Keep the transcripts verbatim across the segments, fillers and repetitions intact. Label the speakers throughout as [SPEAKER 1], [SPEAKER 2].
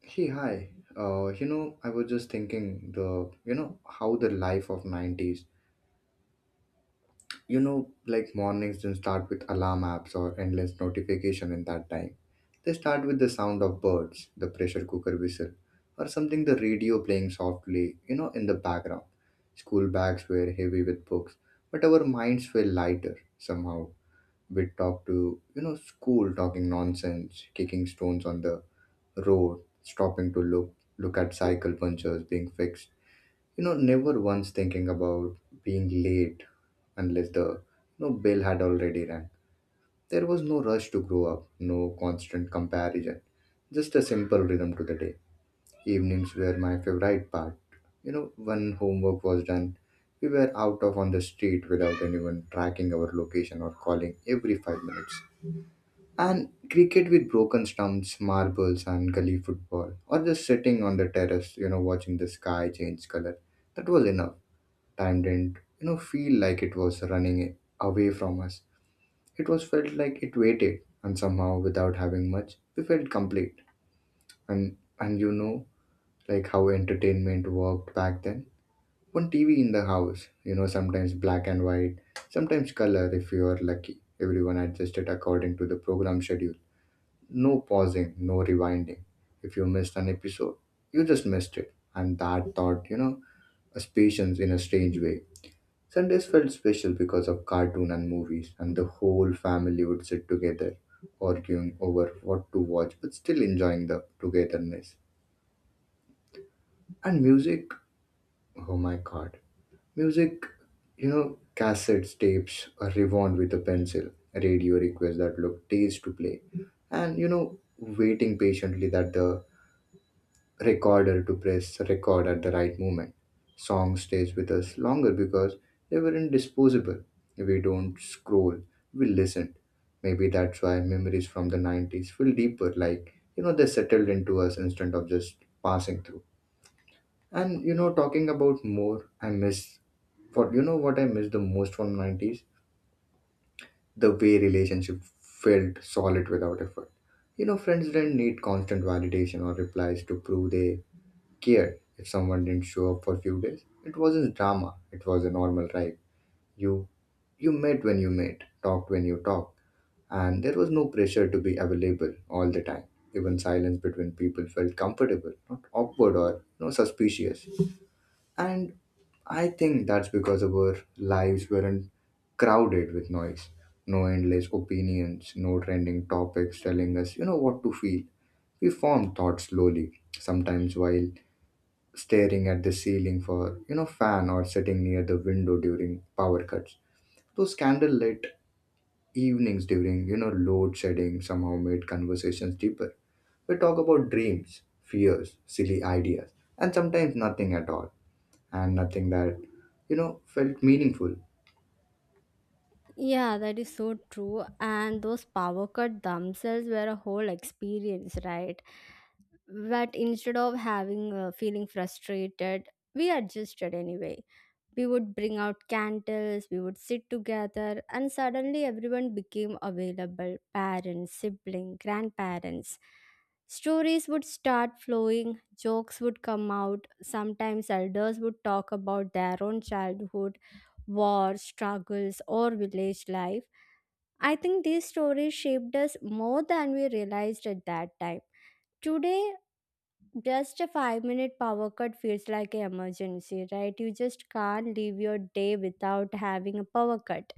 [SPEAKER 1] Hey, hi. Uh, you know, I was just thinking the, you know, how the life of nineties, you know, like mornings didn't start with alarm apps or endless notification in that time. They start with the sound of birds, the pressure cooker whistle, or something the radio playing softly, you know, in the background. School bags were heavy with books, but our minds were lighter somehow. We'd talk to, you know, school talking nonsense, kicking stones on the road, stopping to look look at cycle punchers being fixed. You know, never once thinking about being late unless the you know, bell had already rang. There was no rush to grow up, no constant comparison, just a simple rhythm to the day. Evenings were my favorite part. You know, when homework was done, we were out of on the street without anyone tracking our location or calling every five minutes. And cricket with broken stumps, marbles, and gully football, or just sitting on the terrace, you know, watching the sky change color. That was enough. Time didn't, you know, feel like it was running away from us. It was felt like it waited, and somehow, without having much, we felt complete. And and you know, like how entertainment worked back then. One T V in the house, you know, sometimes black and white, sometimes color if you are lucky. Everyone adjusted according to the program schedule, no pausing, no rewinding. If you missed an episode, you just missed it. And that thought, you know, as patience in a strange way. Sundays felt special because of cartoon and movies, and the whole family would sit together, arguing over what to watch, but still enjoying the togetherness. And music, oh my god. Music, you know, cassettes, tapes, a rewound with a pencil, radio requests that look days to play, and you know, waiting patiently that the recorder to press record at the right moment. Songs stays with us longer because they weren't disposable. We don't scroll, we listen. Maybe that's why memories from the nineties feel deeper, like, you know, they settled into us instead of just passing through. And, you know, talking about more, I miss, what, you know what I miss the most from nineties? The way relationship felt solid without effort. You know, friends didn't need constant validation or replies to prove they care if someone didn't show up for a few days. It wasn't drama, it was a normal ride. You you met when you met, talked when you talked, and there was no pressure to be available all the time. Even silence between people felt comfortable, not awkward or no suspicious. And I think that's because our lives weren't crowded with noise. No endless opinions, no trending topics telling us, you know, what to feel. We formed thoughts slowly, sometimes while staring at the ceiling for you know fan or sitting near the window during power cuts, those candlelit evenings during you know load shedding somehow made conversations deeper. We talk about dreams, fears, silly ideas, and sometimes nothing at all, and nothing that you know felt meaningful.
[SPEAKER 2] Yeah, that is so true. And those power cut themselves were a whole experience, right? But instead of having uh, feeling frustrated, we adjusted anyway. We would bring out candles, we would sit together, and suddenly everyone became available parents, siblings, grandparents. Stories would start flowing, jokes would come out, sometimes elders would talk about their own childhood war, struggles, or village life. I think these stories shaped us more than we realized at that time. Today, just a five minute power cut feels like an emergency, right? You just can't leave your day without having a power cut.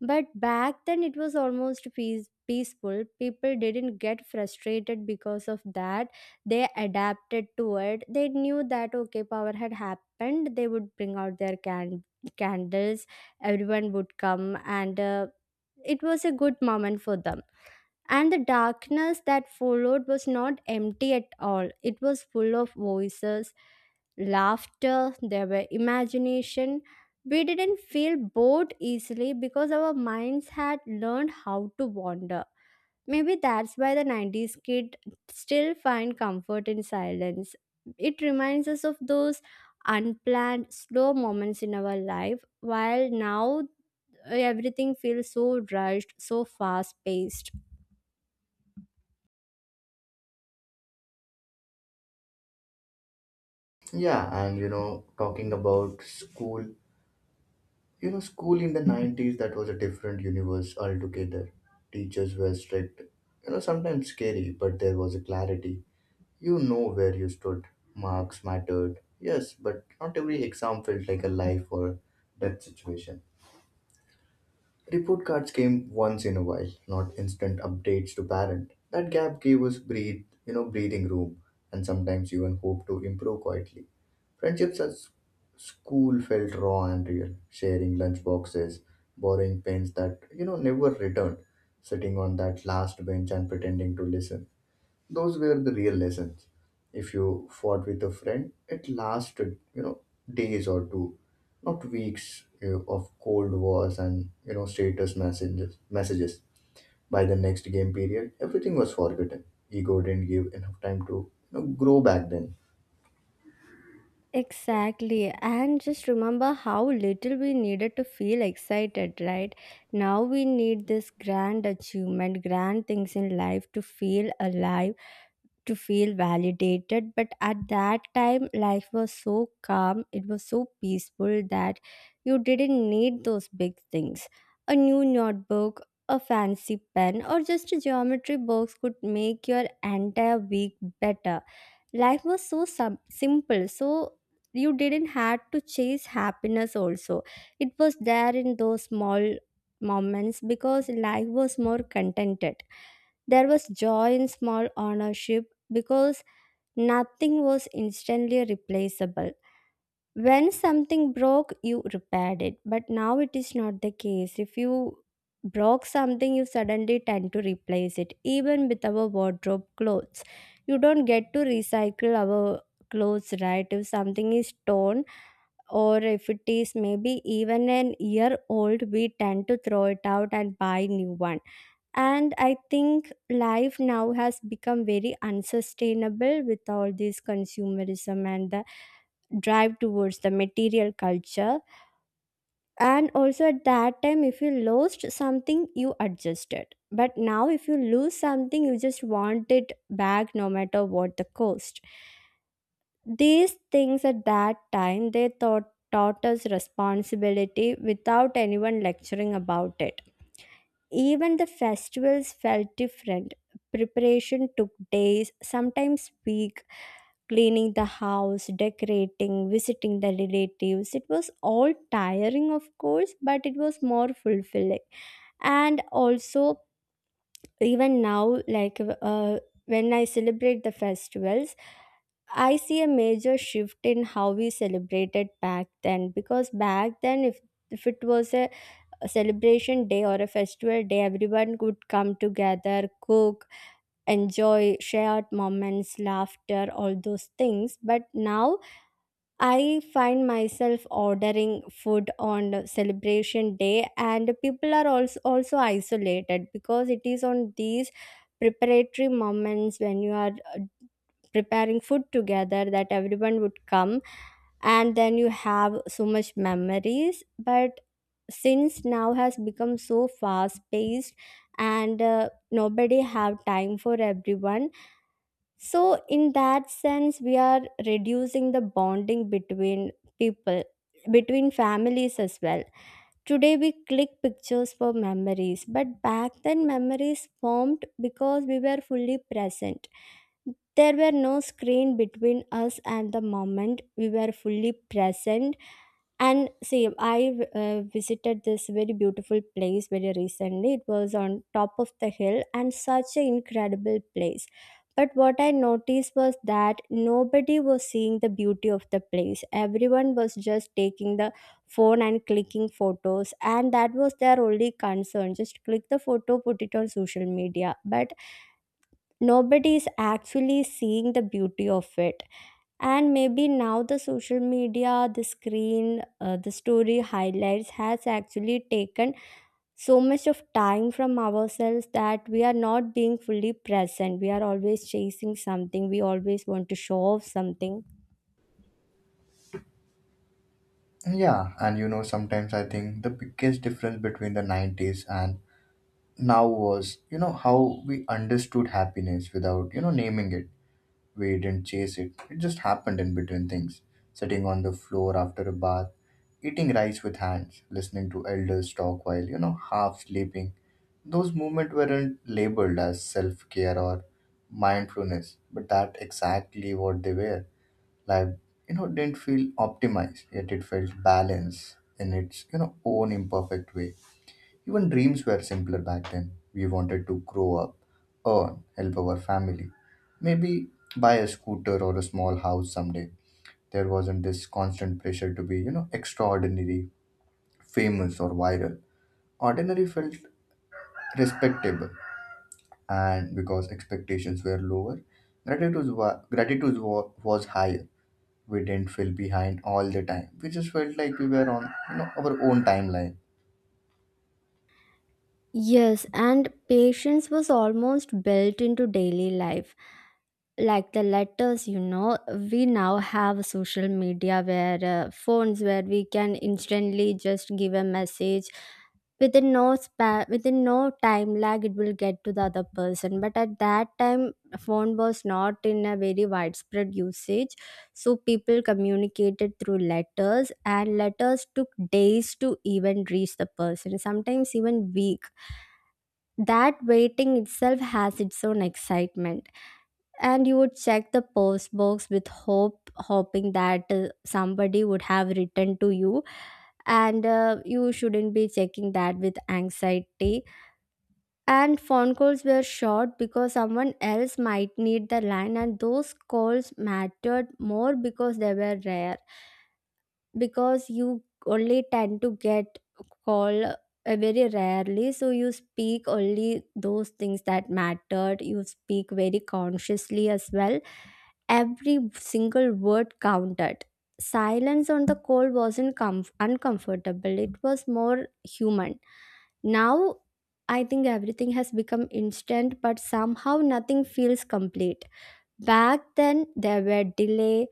[SPEAKER 2] But back then, it was almost peace- peaceful. People didn't get frustrated because of that. They adapted to it. They knew that, okay, power had happened. They would bring out their can- candles, everyone would come, and uh, it was a good moment for them. And the darkness that followed was not empty at all. It was full of voices, laughter, there were imagination. We didn't feel bored easily because our minds had learned how to wander. Maybe that's why the nineties kid still find comfort in silence. It reminds us of those unplanned, slow moments in our life, while now uh, everything feels so rushed, so fast paced.
[SPEAKER 1] Yeah, and you know talking about school, you know school in the nineties, that was a different universe altogether. Teachers were strict, you know sometimes scary, but there was a clarity, you know where you stood. Marks mattered. Yes, but not every exam felt like a life or death situation. Report cards came once in a while, not instant updates to parent. That gap gave us breathe, you know, breathing room, and sometimes even hope to improve quietly. Friendships at s- school felt raw and real. Sharing lunch boxes, borrowing pens that you know never returned, sitting on that last bench and pretending to listen, those were the real lessons. If you fought with a friend, it lasted, you know, days or two, not weeks you of cold wars and you know status messages. Messages. By the next game period, everything was forgotten. Ego didn't give enough time to you know, grow back then.
[SPEAKER 2] Exactly, and just remember how little we needed to feel excited, right? Now we need this grand achievement, grand things in life to feel alive to feel validated, but at that time life was so calm, it was so peaceful that you didn't need those big things. A new notebook, a fancy pen, or just a geometry box could make your entire week better. Life was so sub- simple, so you didn't have to chase happiness also. It was there in those small moments because life was more contented. There was joy in small ownership because nothing was instantly replaceable. When something broke, you repaired it, but now it is not the case. If you broke something, you suddenly tend to replace it, even with our wardrobe clothes. You don't get to recycle our clothes, right? If something is torn, or if it is maybe even an year old, we tend to throw it out and buy new one. And I think life now has become very unsustainable with all this consumerism and the drive towards the material culture. And also at that time if you lost something you adjusted, but now if you lose something you just want it back no matter what the cost. These things at that time they thought taught us responsibility without anyone lecturing about it. Even the festivals felt different. Preparation took days, sometimes weeks, cleaning the house, decorating, visiting the relatives. It was all tiring, of course, but it was more fulfilling. And also, even now, like uh, when I celebrate the festivals, I see a major shift in how we celebrated back then, because back then if if it was a a celebration day or a festival day, everyone would come together, cook, enjoy shared moments, laughter, all those things. But now I find myself ordering food on the celebration day, and people are also, also isolated, because it is on these preparatory moments when you are uh, preparing food together that everyone would come and then you have so much memories. But since now has become so fast paced and uh, nobody have time for everyone, so in that sense we are reducing the bonding between people, between families as well. Today we click pictures for memories, but back then memories formed because we were fully present. There were no screen between us and the moment, we were fully present. And see, I uh, visited this very beautiful place very recently. It was on top of the hill and such an incredible place. But what I noticed was that nobody was seeing the beauty of the place. Everyone was just taking the phone and clicking photos, and that was their only concern. Just click the photo, put it on social media. But nobody is actually seeing the beauty of it. And maybe now the social media, the screen uh, the story highlights has actually taken so much of time from ourselves that we are not being fully present. We are always chasing something, we always want to show off something.
[SPEAKER 1] Yeah, and you know, sometimes I think the biggest difference between the nineties and now was, you know, how we understood happiness without, you know, naming it. We didn't chase it, it just happened in between things. Sitting on the floor after a bath, eating rice with hands, listening to elders talk while, you know, half sleeping. Those moments weren't labeled as self care or mindfulness, but that exactly what they were. Life, you know, didn't feel optimized, yet it felt balanced in its, you know, own imperfect way. Even dreams were simpler back then. We wanted to grow up, earn, help our family, maybe buy a scooter or a small house someday. There wasn't this constant pressure to be, you know, extraordinary, famous, or viral. Ordinary felt respectable, and because expectations were lower, gratitude, wa- gratitude wa- was higher. We didn't feel behind all the time. We just felt like we were on, you know, our own timeline.
[SPEAKER 2] Yes, and patience was almost built into daily life, like the letters, you know. We now have social media, where uh, phones where we can instantly just give a message within no span, within no time lag it will get to the other person. But at that time phone was not in a very widespread usage, so people communicated through letters, and letters took days to even reach the person, sometimes even week. That waiting itself has its own excitement. And you would check the post box with hope, hoping that uh, somebody would have written to you. And uh, you shouldn't be checking that with anxiety. And phone calls were short because someone else might need the line, and those calls mattered more because they were rare. Because you only tend to get call uh, very rarely, so you speak only those things that mattered, you speak very consciously as well. Every single word counted. Silence on the call wasn't comf- uncomfortable, it was more human. Now, I think everything has become instant, but somehow nothing feels complete. Back then, there were delay.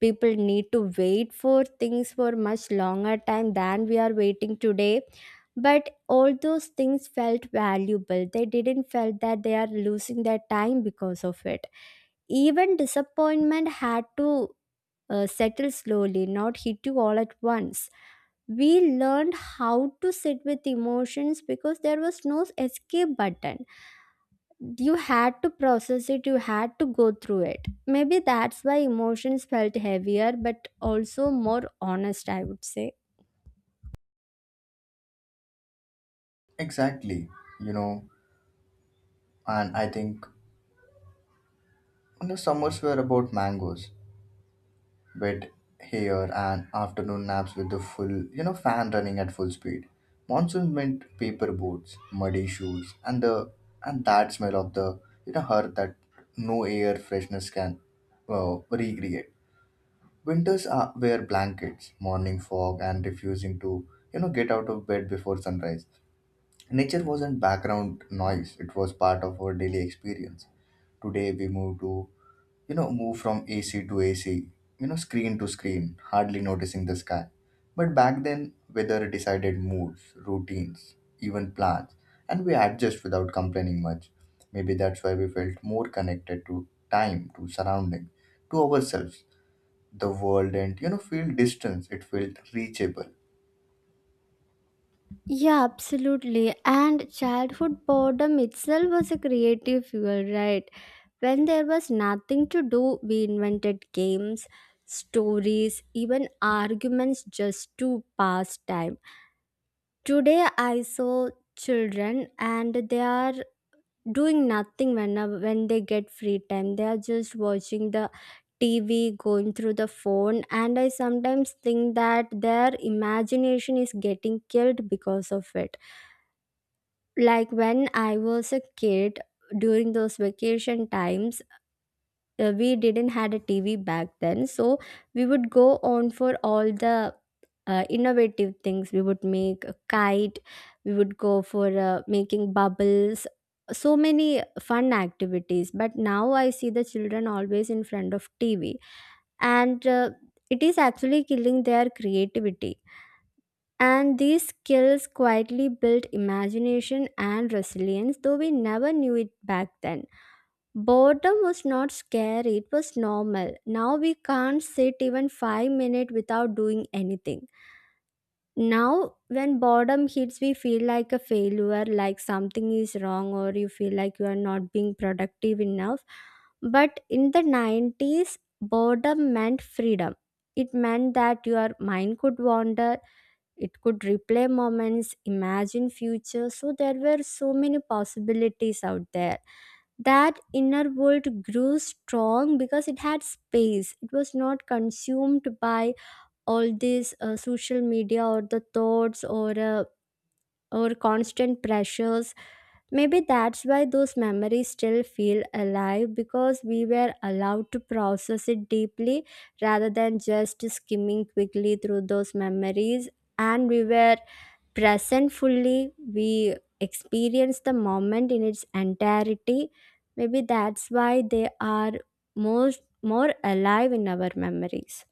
[SPEAKER 2] People need to wait for things for much longer time than we are waiting today, but all those things felt valuable. They didn't felt that they are losing their time because of it. Even disappointment had to uh, settle slowly, not hit you all at once. We learned how to sit with emotions because there was no escape button. You had to process it, you had to go through it. Maybe that's why emotions felt heavier but also more honest, I would say.
[SPEAKER 1] Exactly, you know, and I think And The summers were about mangoes, wet hair, and afternoon naps with the full, you know, fan running at full speed. Monsoon meant paper boats, muddy shoes, and the and that smell of the you know earth that no air freshness can uh, recreate. Winters are, were blankets, morning fog, and refusing to you know get out of bed before sunrise. Nature wasn't background noise; it was part of our daily experience. Today we move to you know, move from A C to A C, you know, screen to screen, hardly noticing the sky. But back then, weather decided moods, routines, even plans, and we adjust without complaining much. Maybe that's why we felt more connected to time, to surrounding, to ourselves. The world and you know, feel distance, it felt reachable.
[SPEAKER 2] Yeah, absolutely. And childhood boredom itself was a creative fuel, right? When there was nothing to do, we invented games, stories, even arguments just to pass time. Today, I saw children and they are doing nothing whenever when they get free time. They are just watching the T V, going through the phone, and I sometimes think that their imagination is getting killed because of it. Like when I was a kid, during those vacation times, uh, we didn't had a tv back then, so we would go on for all the uh, innovative things. We would make a kite, we would go for uh, making bubbles, so many fun activities. But now I see the children always in front of tv, and uh, it is actually killing their creativity. And these skills quietly built imagination and resilience, though we never knew it back then. Boredom was not scary, it was normal. Now we can't sit even five minutes without doing anything. Now, when boredom hits, we feel like a failure, like something is wrong, or you feel like you are not being productive enough. But in the nineties, boredom meant freedom. It meant that your mind could wander, it could replay moments, imagine future. So there were so many possibilities out there. That inner world grew strong because it had space. It was not consumed by all these uh, social media, or the thoughts, or uh, or constant pressures. Maybe that's why those memories still feel alive, because we were allowed to process it deeply rather than just skimming quickly through those memories. And we were present fully, we experience the moment in its entirety. Maybe that's why they are most more alive in our memories.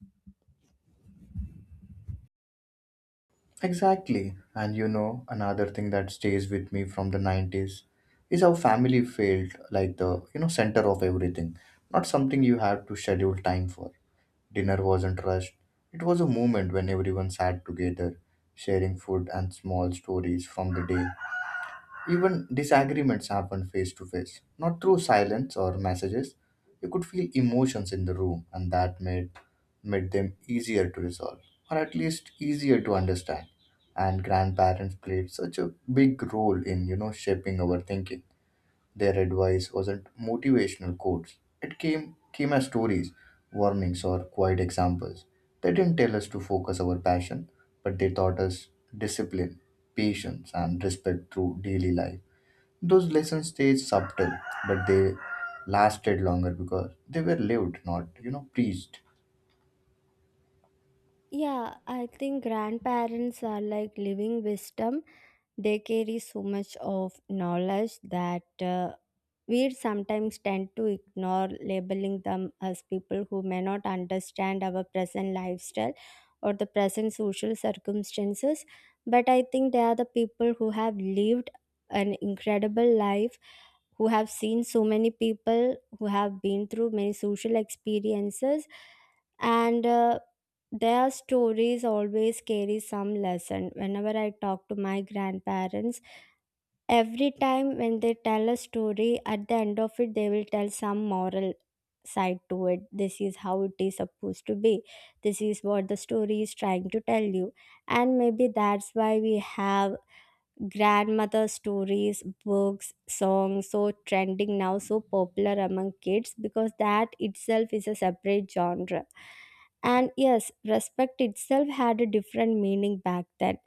[SPEAKER 1] Exactly. And you know, another thing that stays with me from the nineties is how family felt like the, you know, center of everything. Not something you had to schedule time for. Dinner wasn't rushed. It was a moment when everyone sat together, sharing food and small stories from the day. Even disagreements happen face to face, not through silence or messages. You could feel emotions in the room, and that made made them easier to resolve, or at least easier to understand. And grandparents played such a big role in you know shaping our thinking. Their advice wasn't motivational quotes. It came came as stories, warnings, or quiet examples. They didn't tell us to focus our passion, but they taught us discipline, patience, and respect through daily life. Those lessons stayed subtle, but they lasted longer because they were lived, not you know preached.
[SPEAKER 2] Yeah, I think grandparents are like living wisdom. They carry so much of knowledge that uh, we sometimes tend to ignore, labeling them as people who may not understand our present lifestyle or the present social circumstances. But I think they are the people who have lived an incredible life, who have seen so many people, who have been through many social experiences, and uh, their stories always carry some lesson. Whenever I talk to my grandparents, every time when they tell a story, at the end of it, they will tell some moral side to it. This is how it is supposed to be. This is what the story is trying to tell you. And maybe that's why we have grandmother stories, books, songs so trending now, so popular among kids, because that itself is a separate genre. And yes, respect itself had a different meaning back then.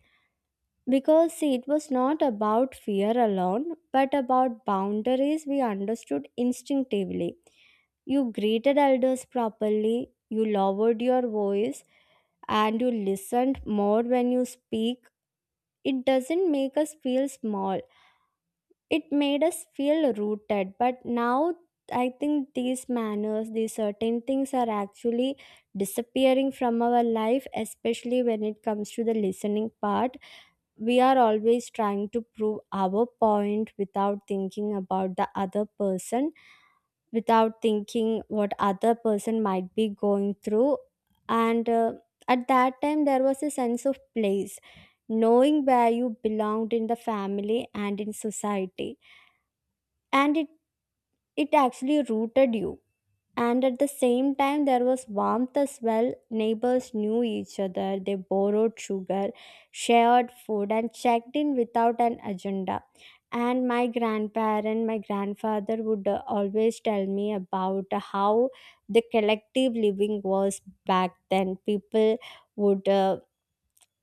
[SPEAKER 2] Because see, it was not about fear alone, but about boundaries we understood instinctively. You greeted elders properly, you lowered your voice, and you listened more when you speak. It doesn't make us feel small, it made us feel rooted. But now I think these manners, these certain things are actually disappearing from our life, especially when it comes to the listening part. We are always trying to prove our point without thinking about the other person, without thinking what other person might be going through. And uh, At that time there was a sense of place, knowing where you belonged in the family and in society, and it, it actually rooted you. And at the same time, there was warmth as well. Neighbors knew each other, they borrowed sugar, shared food, and checked in without an agenda. And my grandparent, my grandfather would uh, always tell me about how the collective living was back then. People would uh,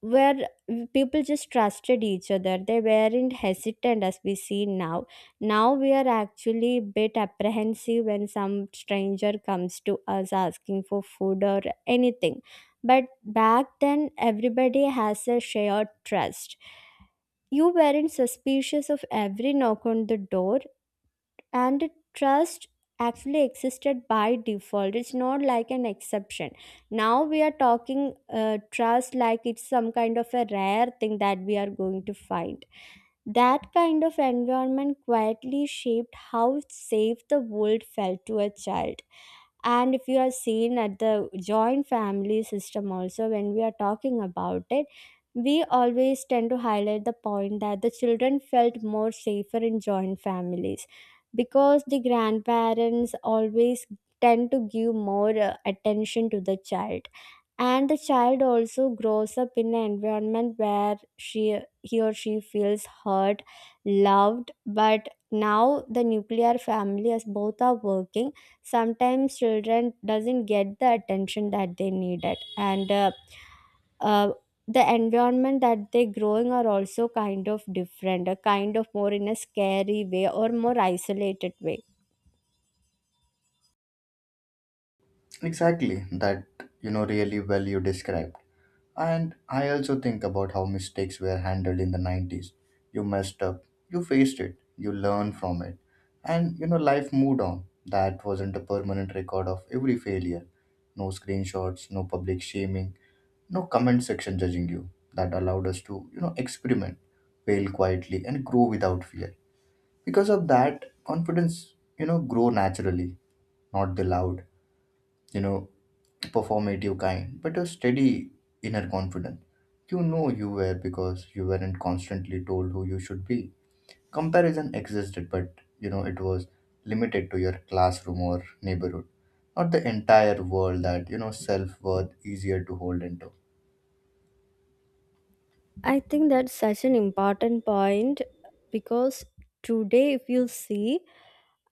[SPEAKER 2] where People just trusted each other. They weren't hesitant as we see now. Now we are actually a bit apprehensive when some stranger comes to us asking for food or anything, but back then everybody has a shared trust. You weren't suspicious of every knock on the door, and trust actually existed by default. It's not like an exception. Now we are talking uh, trust like it's some kind of a rare thing that we are going to find. That kind of environment quietly shaped how safe the world felt to a child. And if you are seen at the joint family system, also, when we are talking about it, we always tend to highlight the point that the children felt more safer in joint families, because the grandparents always tend to give more uh, attention to the child, and the child also grows up in an environment where she he or she feels hurt, loved. But now the nuclear family, as both are working, sometimes children doesn't get the attention that they needed, and uh, uh, the environment that they growing are also kind of different, a kind of more in a scary way or more isolated way.
[SPEAKER 1] Exactly, that you know really well you described. And I also think about how mistakes were handled in the nineties. You messed up, you faced it, you learned from it, and you know life moved on. That wasn't a permanent record of every failure. No screenshots, no public shaming, no comment section judging you. That allowed us to, you know, experiment, fail quietly, and grow without fear. Because of that, confidence, you know, grow naturally, not the loud you know, performative kind, but a steady inner confidence. You know you were because you weren't constantly told who you should be. Comparison existed, but you know it was limited to your classroom or neighborhood, not the entire world that you know self worth easier to hold into.
[SPEAKER 2] I think that's such an important point, because today, if you see,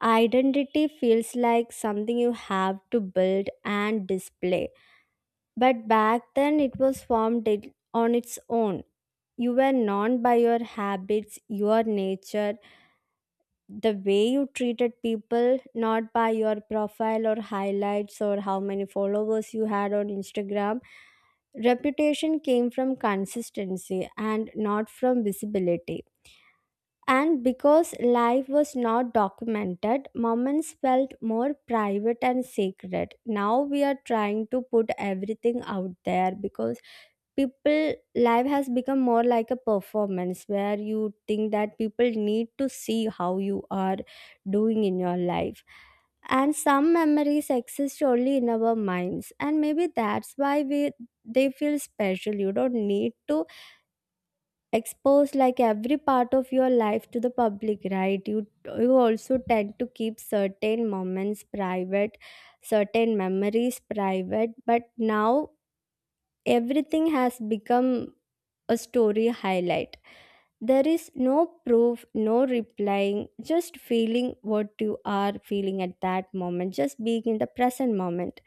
[SPEAKER 2] identity feels like something you have to build and display. But back then, it was formed it- on its own. You were known by your habits, your nature, the way you treated people, not by your profile or highlights or how many followers you had on Instagram. Reputation came from consistency and not from visibility. And because life was not documented, moments felt more private and sacred. Now we are trying to put everything out there, because people life has become more like a performance where you think that people need to see how you are doing in your life. And some memories exist only in our minds, and maybe that's why we they feel special. You don't need to expose like every part of your life to the public, right? you you also tend to keep certain moments private, certain memories private. But now everything has become a story highlight. There is no proof, no replying, just feeling what you are feeling at that moment, just being in the present moment.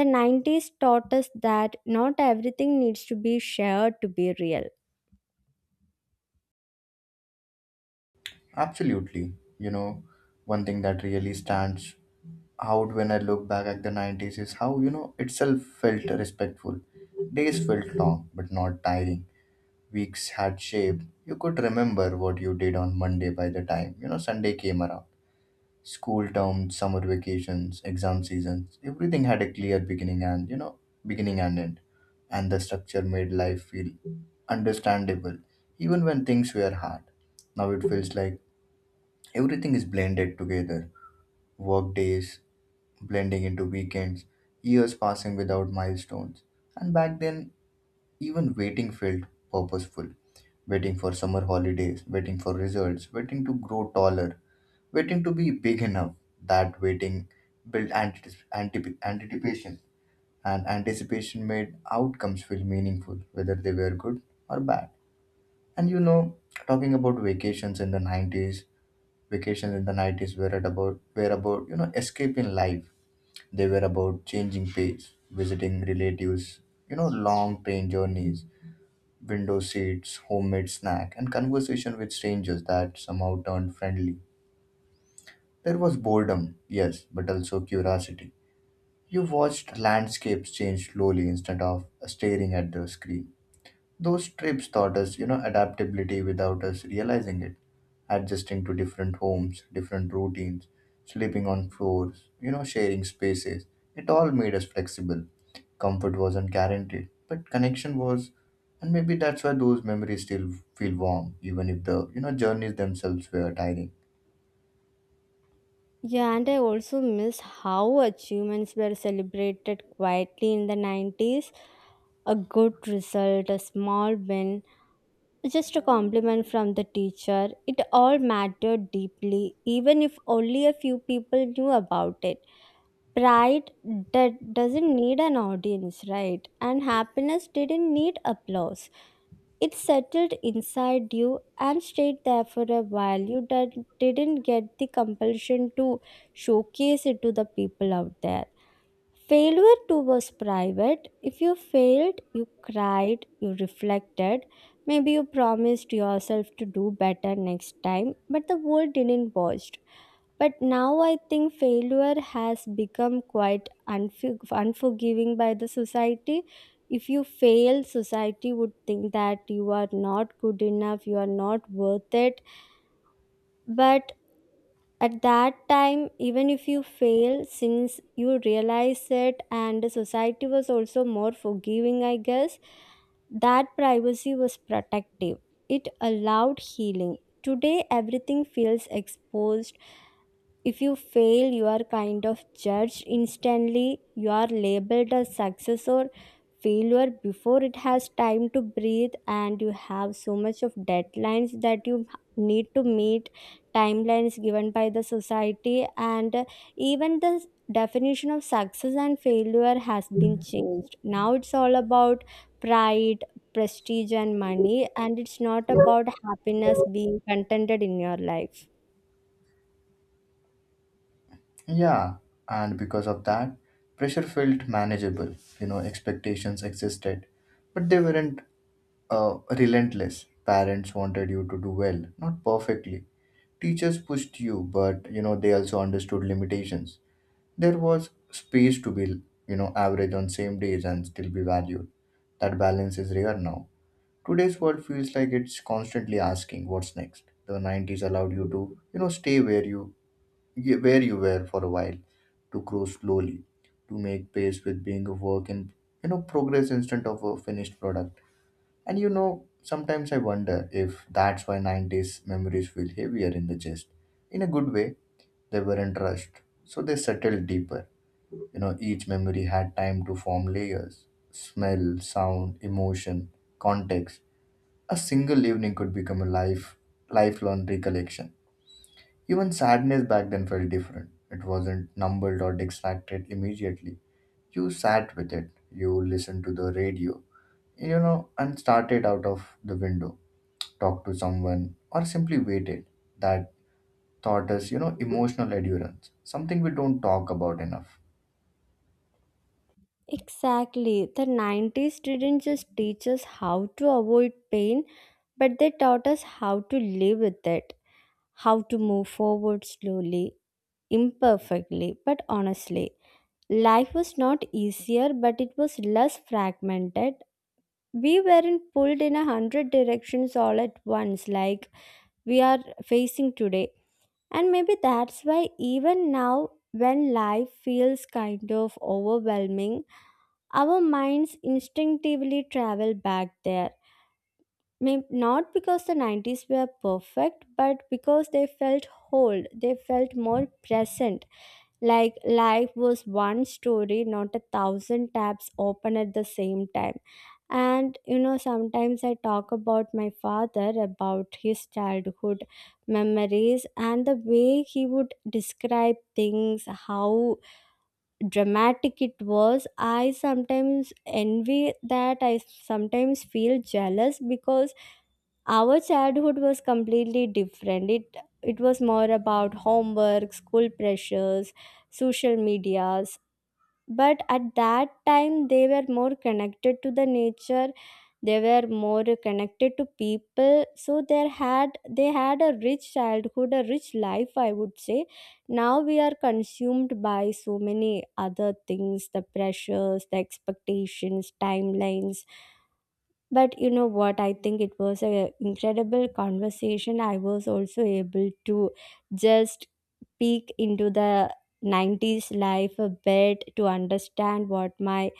[SPEAKER 2] The nineties taught us that not everything needs to be shared to be real.
[SPEAKER 1] Absolutely, you know, one thing that really stands out when I look back at the nineties is how you know itself felt respectful. Days felt long but not tiring, weeks had shaped, you could remember what you did on Monday by the time, you know, Sunday came around. School terms, summer vacations, exam seasons, everything had a clear beginning and, you know, beginning and end. And the structure made life feel understandable, even when things were hard. Now it feels like everything is blended together. Work days, blending into weekends, years passing without milestones. And back then, even waiting felt purposeful. Waiting for summer holidays, waiting for results, waiting to grow taller, waiting to be big enough. That waiting built antici- antip- anticipation, and anticipation made outcomes feel meaningful, whether they were good or bad. And you know, talking about vacations in the nineties, vacations in the nineties were at about were about you know escaping life. They were about changing pace, visiting relatives, you know, long train journeys, window seats, homemade snack, and conversation with strangers that somehow turned friendly. There was boredom, yes, but also curiosity. You watched landscapes change slowly instead of staring at the screen. Those trips taught us, you know, adaptability without us realizing it, adjusting to different homes, different routines, sleeping on floors, you know, sharing spaces. It all made us flexible. Comfort wasn't guaranteed, but connection was, and maybe that's why those memories still feel warm, even if the, you know, journeys themselves were tiring.
[SPEAKER 2] Yeah, and I also miss how achievements were celebrated quietly in the nineties. A good result, a small win, just a compliment from the teacher. It all mattered deeply, even if only a few people knew about it. Pride that doesn't need an audience, right? And happiness didn't need applause. It settled inside you and stayed there for a while. You did, didn't get the compulsion to showcase it to the people out there. Failure too was private. If you failed, you cried, you reflected, maybe you promised yourself to do better next time, but the world didn't watch. But now I think failure has become quite unfor- unforgiving by the society. If you fail, society would think that you are not good enough, you are not worth it. But at that time, even if you fail, since you realize it, and the society was also more forgiving, I guess, that privacy was protective. It allowed healing. Today, everything feels exposed. If you fail, you are kind of judged instantly. You are labeled a success or failure before it has time to breathe, and you have so much of deadlines that you need to meet, timelines given by the society, and even the definition of success and failure has been changed. Now it's all about pride, prestige, and money, and it's not about happiness being contented in your life.
[SPEAKER 1] Yeah, and because of that, pressure felt manageable. You know, expectations existed, but they weren't uh, relentless. Parents wanted you to do well, not perfectly. Teachers pushed you, but you know they also understood limitations. There was space to be you know average on same days and still be valued. That balance is rare now. Today's world feels like it's constantly asking what's next. The nineties allowed you to you know stay where you where you were for a while, to grow slowly, to make pace with being a work in you know progress instead of a finished product. And you know, sometimes I wonder if that's why nineties memories feel heavier in the chest. In a good way, they weren't rushed, so they settled deeper. You know, each memory had time to form layers, smell, sound, emotion, context. A single evening could become a life, lifelong recollection. Even sadness back then felt different. It wasn't numbled or distracted immediately. You sat with it, you listened to the radio, you know, and started out of the window, talked to someone, or simply waited. That thought is, you know, emotional endurance, something we don't talk about enough.
[SPEAKER 2] Exactly. The nineties didn't just teach us how to avoid pain, but they taught us how to live with it, how to move forward slowly, imperfectly, but honestly. Life was not easier, but it was less fragmented. We weren't pulled in a hundred directions all at once like we are facing today. And maybe that's why, even now, when life feels kind of overwhelming, our minds instinctively travel back there. May- Not because the nineties were perfect, but because they felt whole, they felt more present. Like life was one story, not a thousand tabs open at the same time. And you know, sometimes I talk about my father, about his childhood memories, and the way he would describe things, how dramatic it was. I sometimes envy that. I sometimes feel jealous, because our childhood was completely different. It it was more about homework, school pressures, social media. But at that time they were more connected to the nature, they were more connected to people. So they had they had a rich childhood, a rich life, I would say. Now we are consumed by so many other things, the pressures, the expectations, timelines. But you know what? I think it was an incredible conversation. I was also able to just peek into the nineties life a bit to understand what my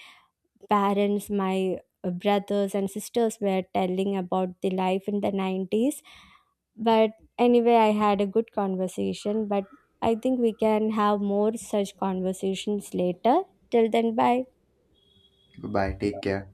[SPEAKER 2] parents, my brothers, and sisters were telling about the life in the nineties. But anyway, I had a good conversation. But I think we can have more such conversations later. Till then, bye.
[SPEAKER 1] Goodbye, take care.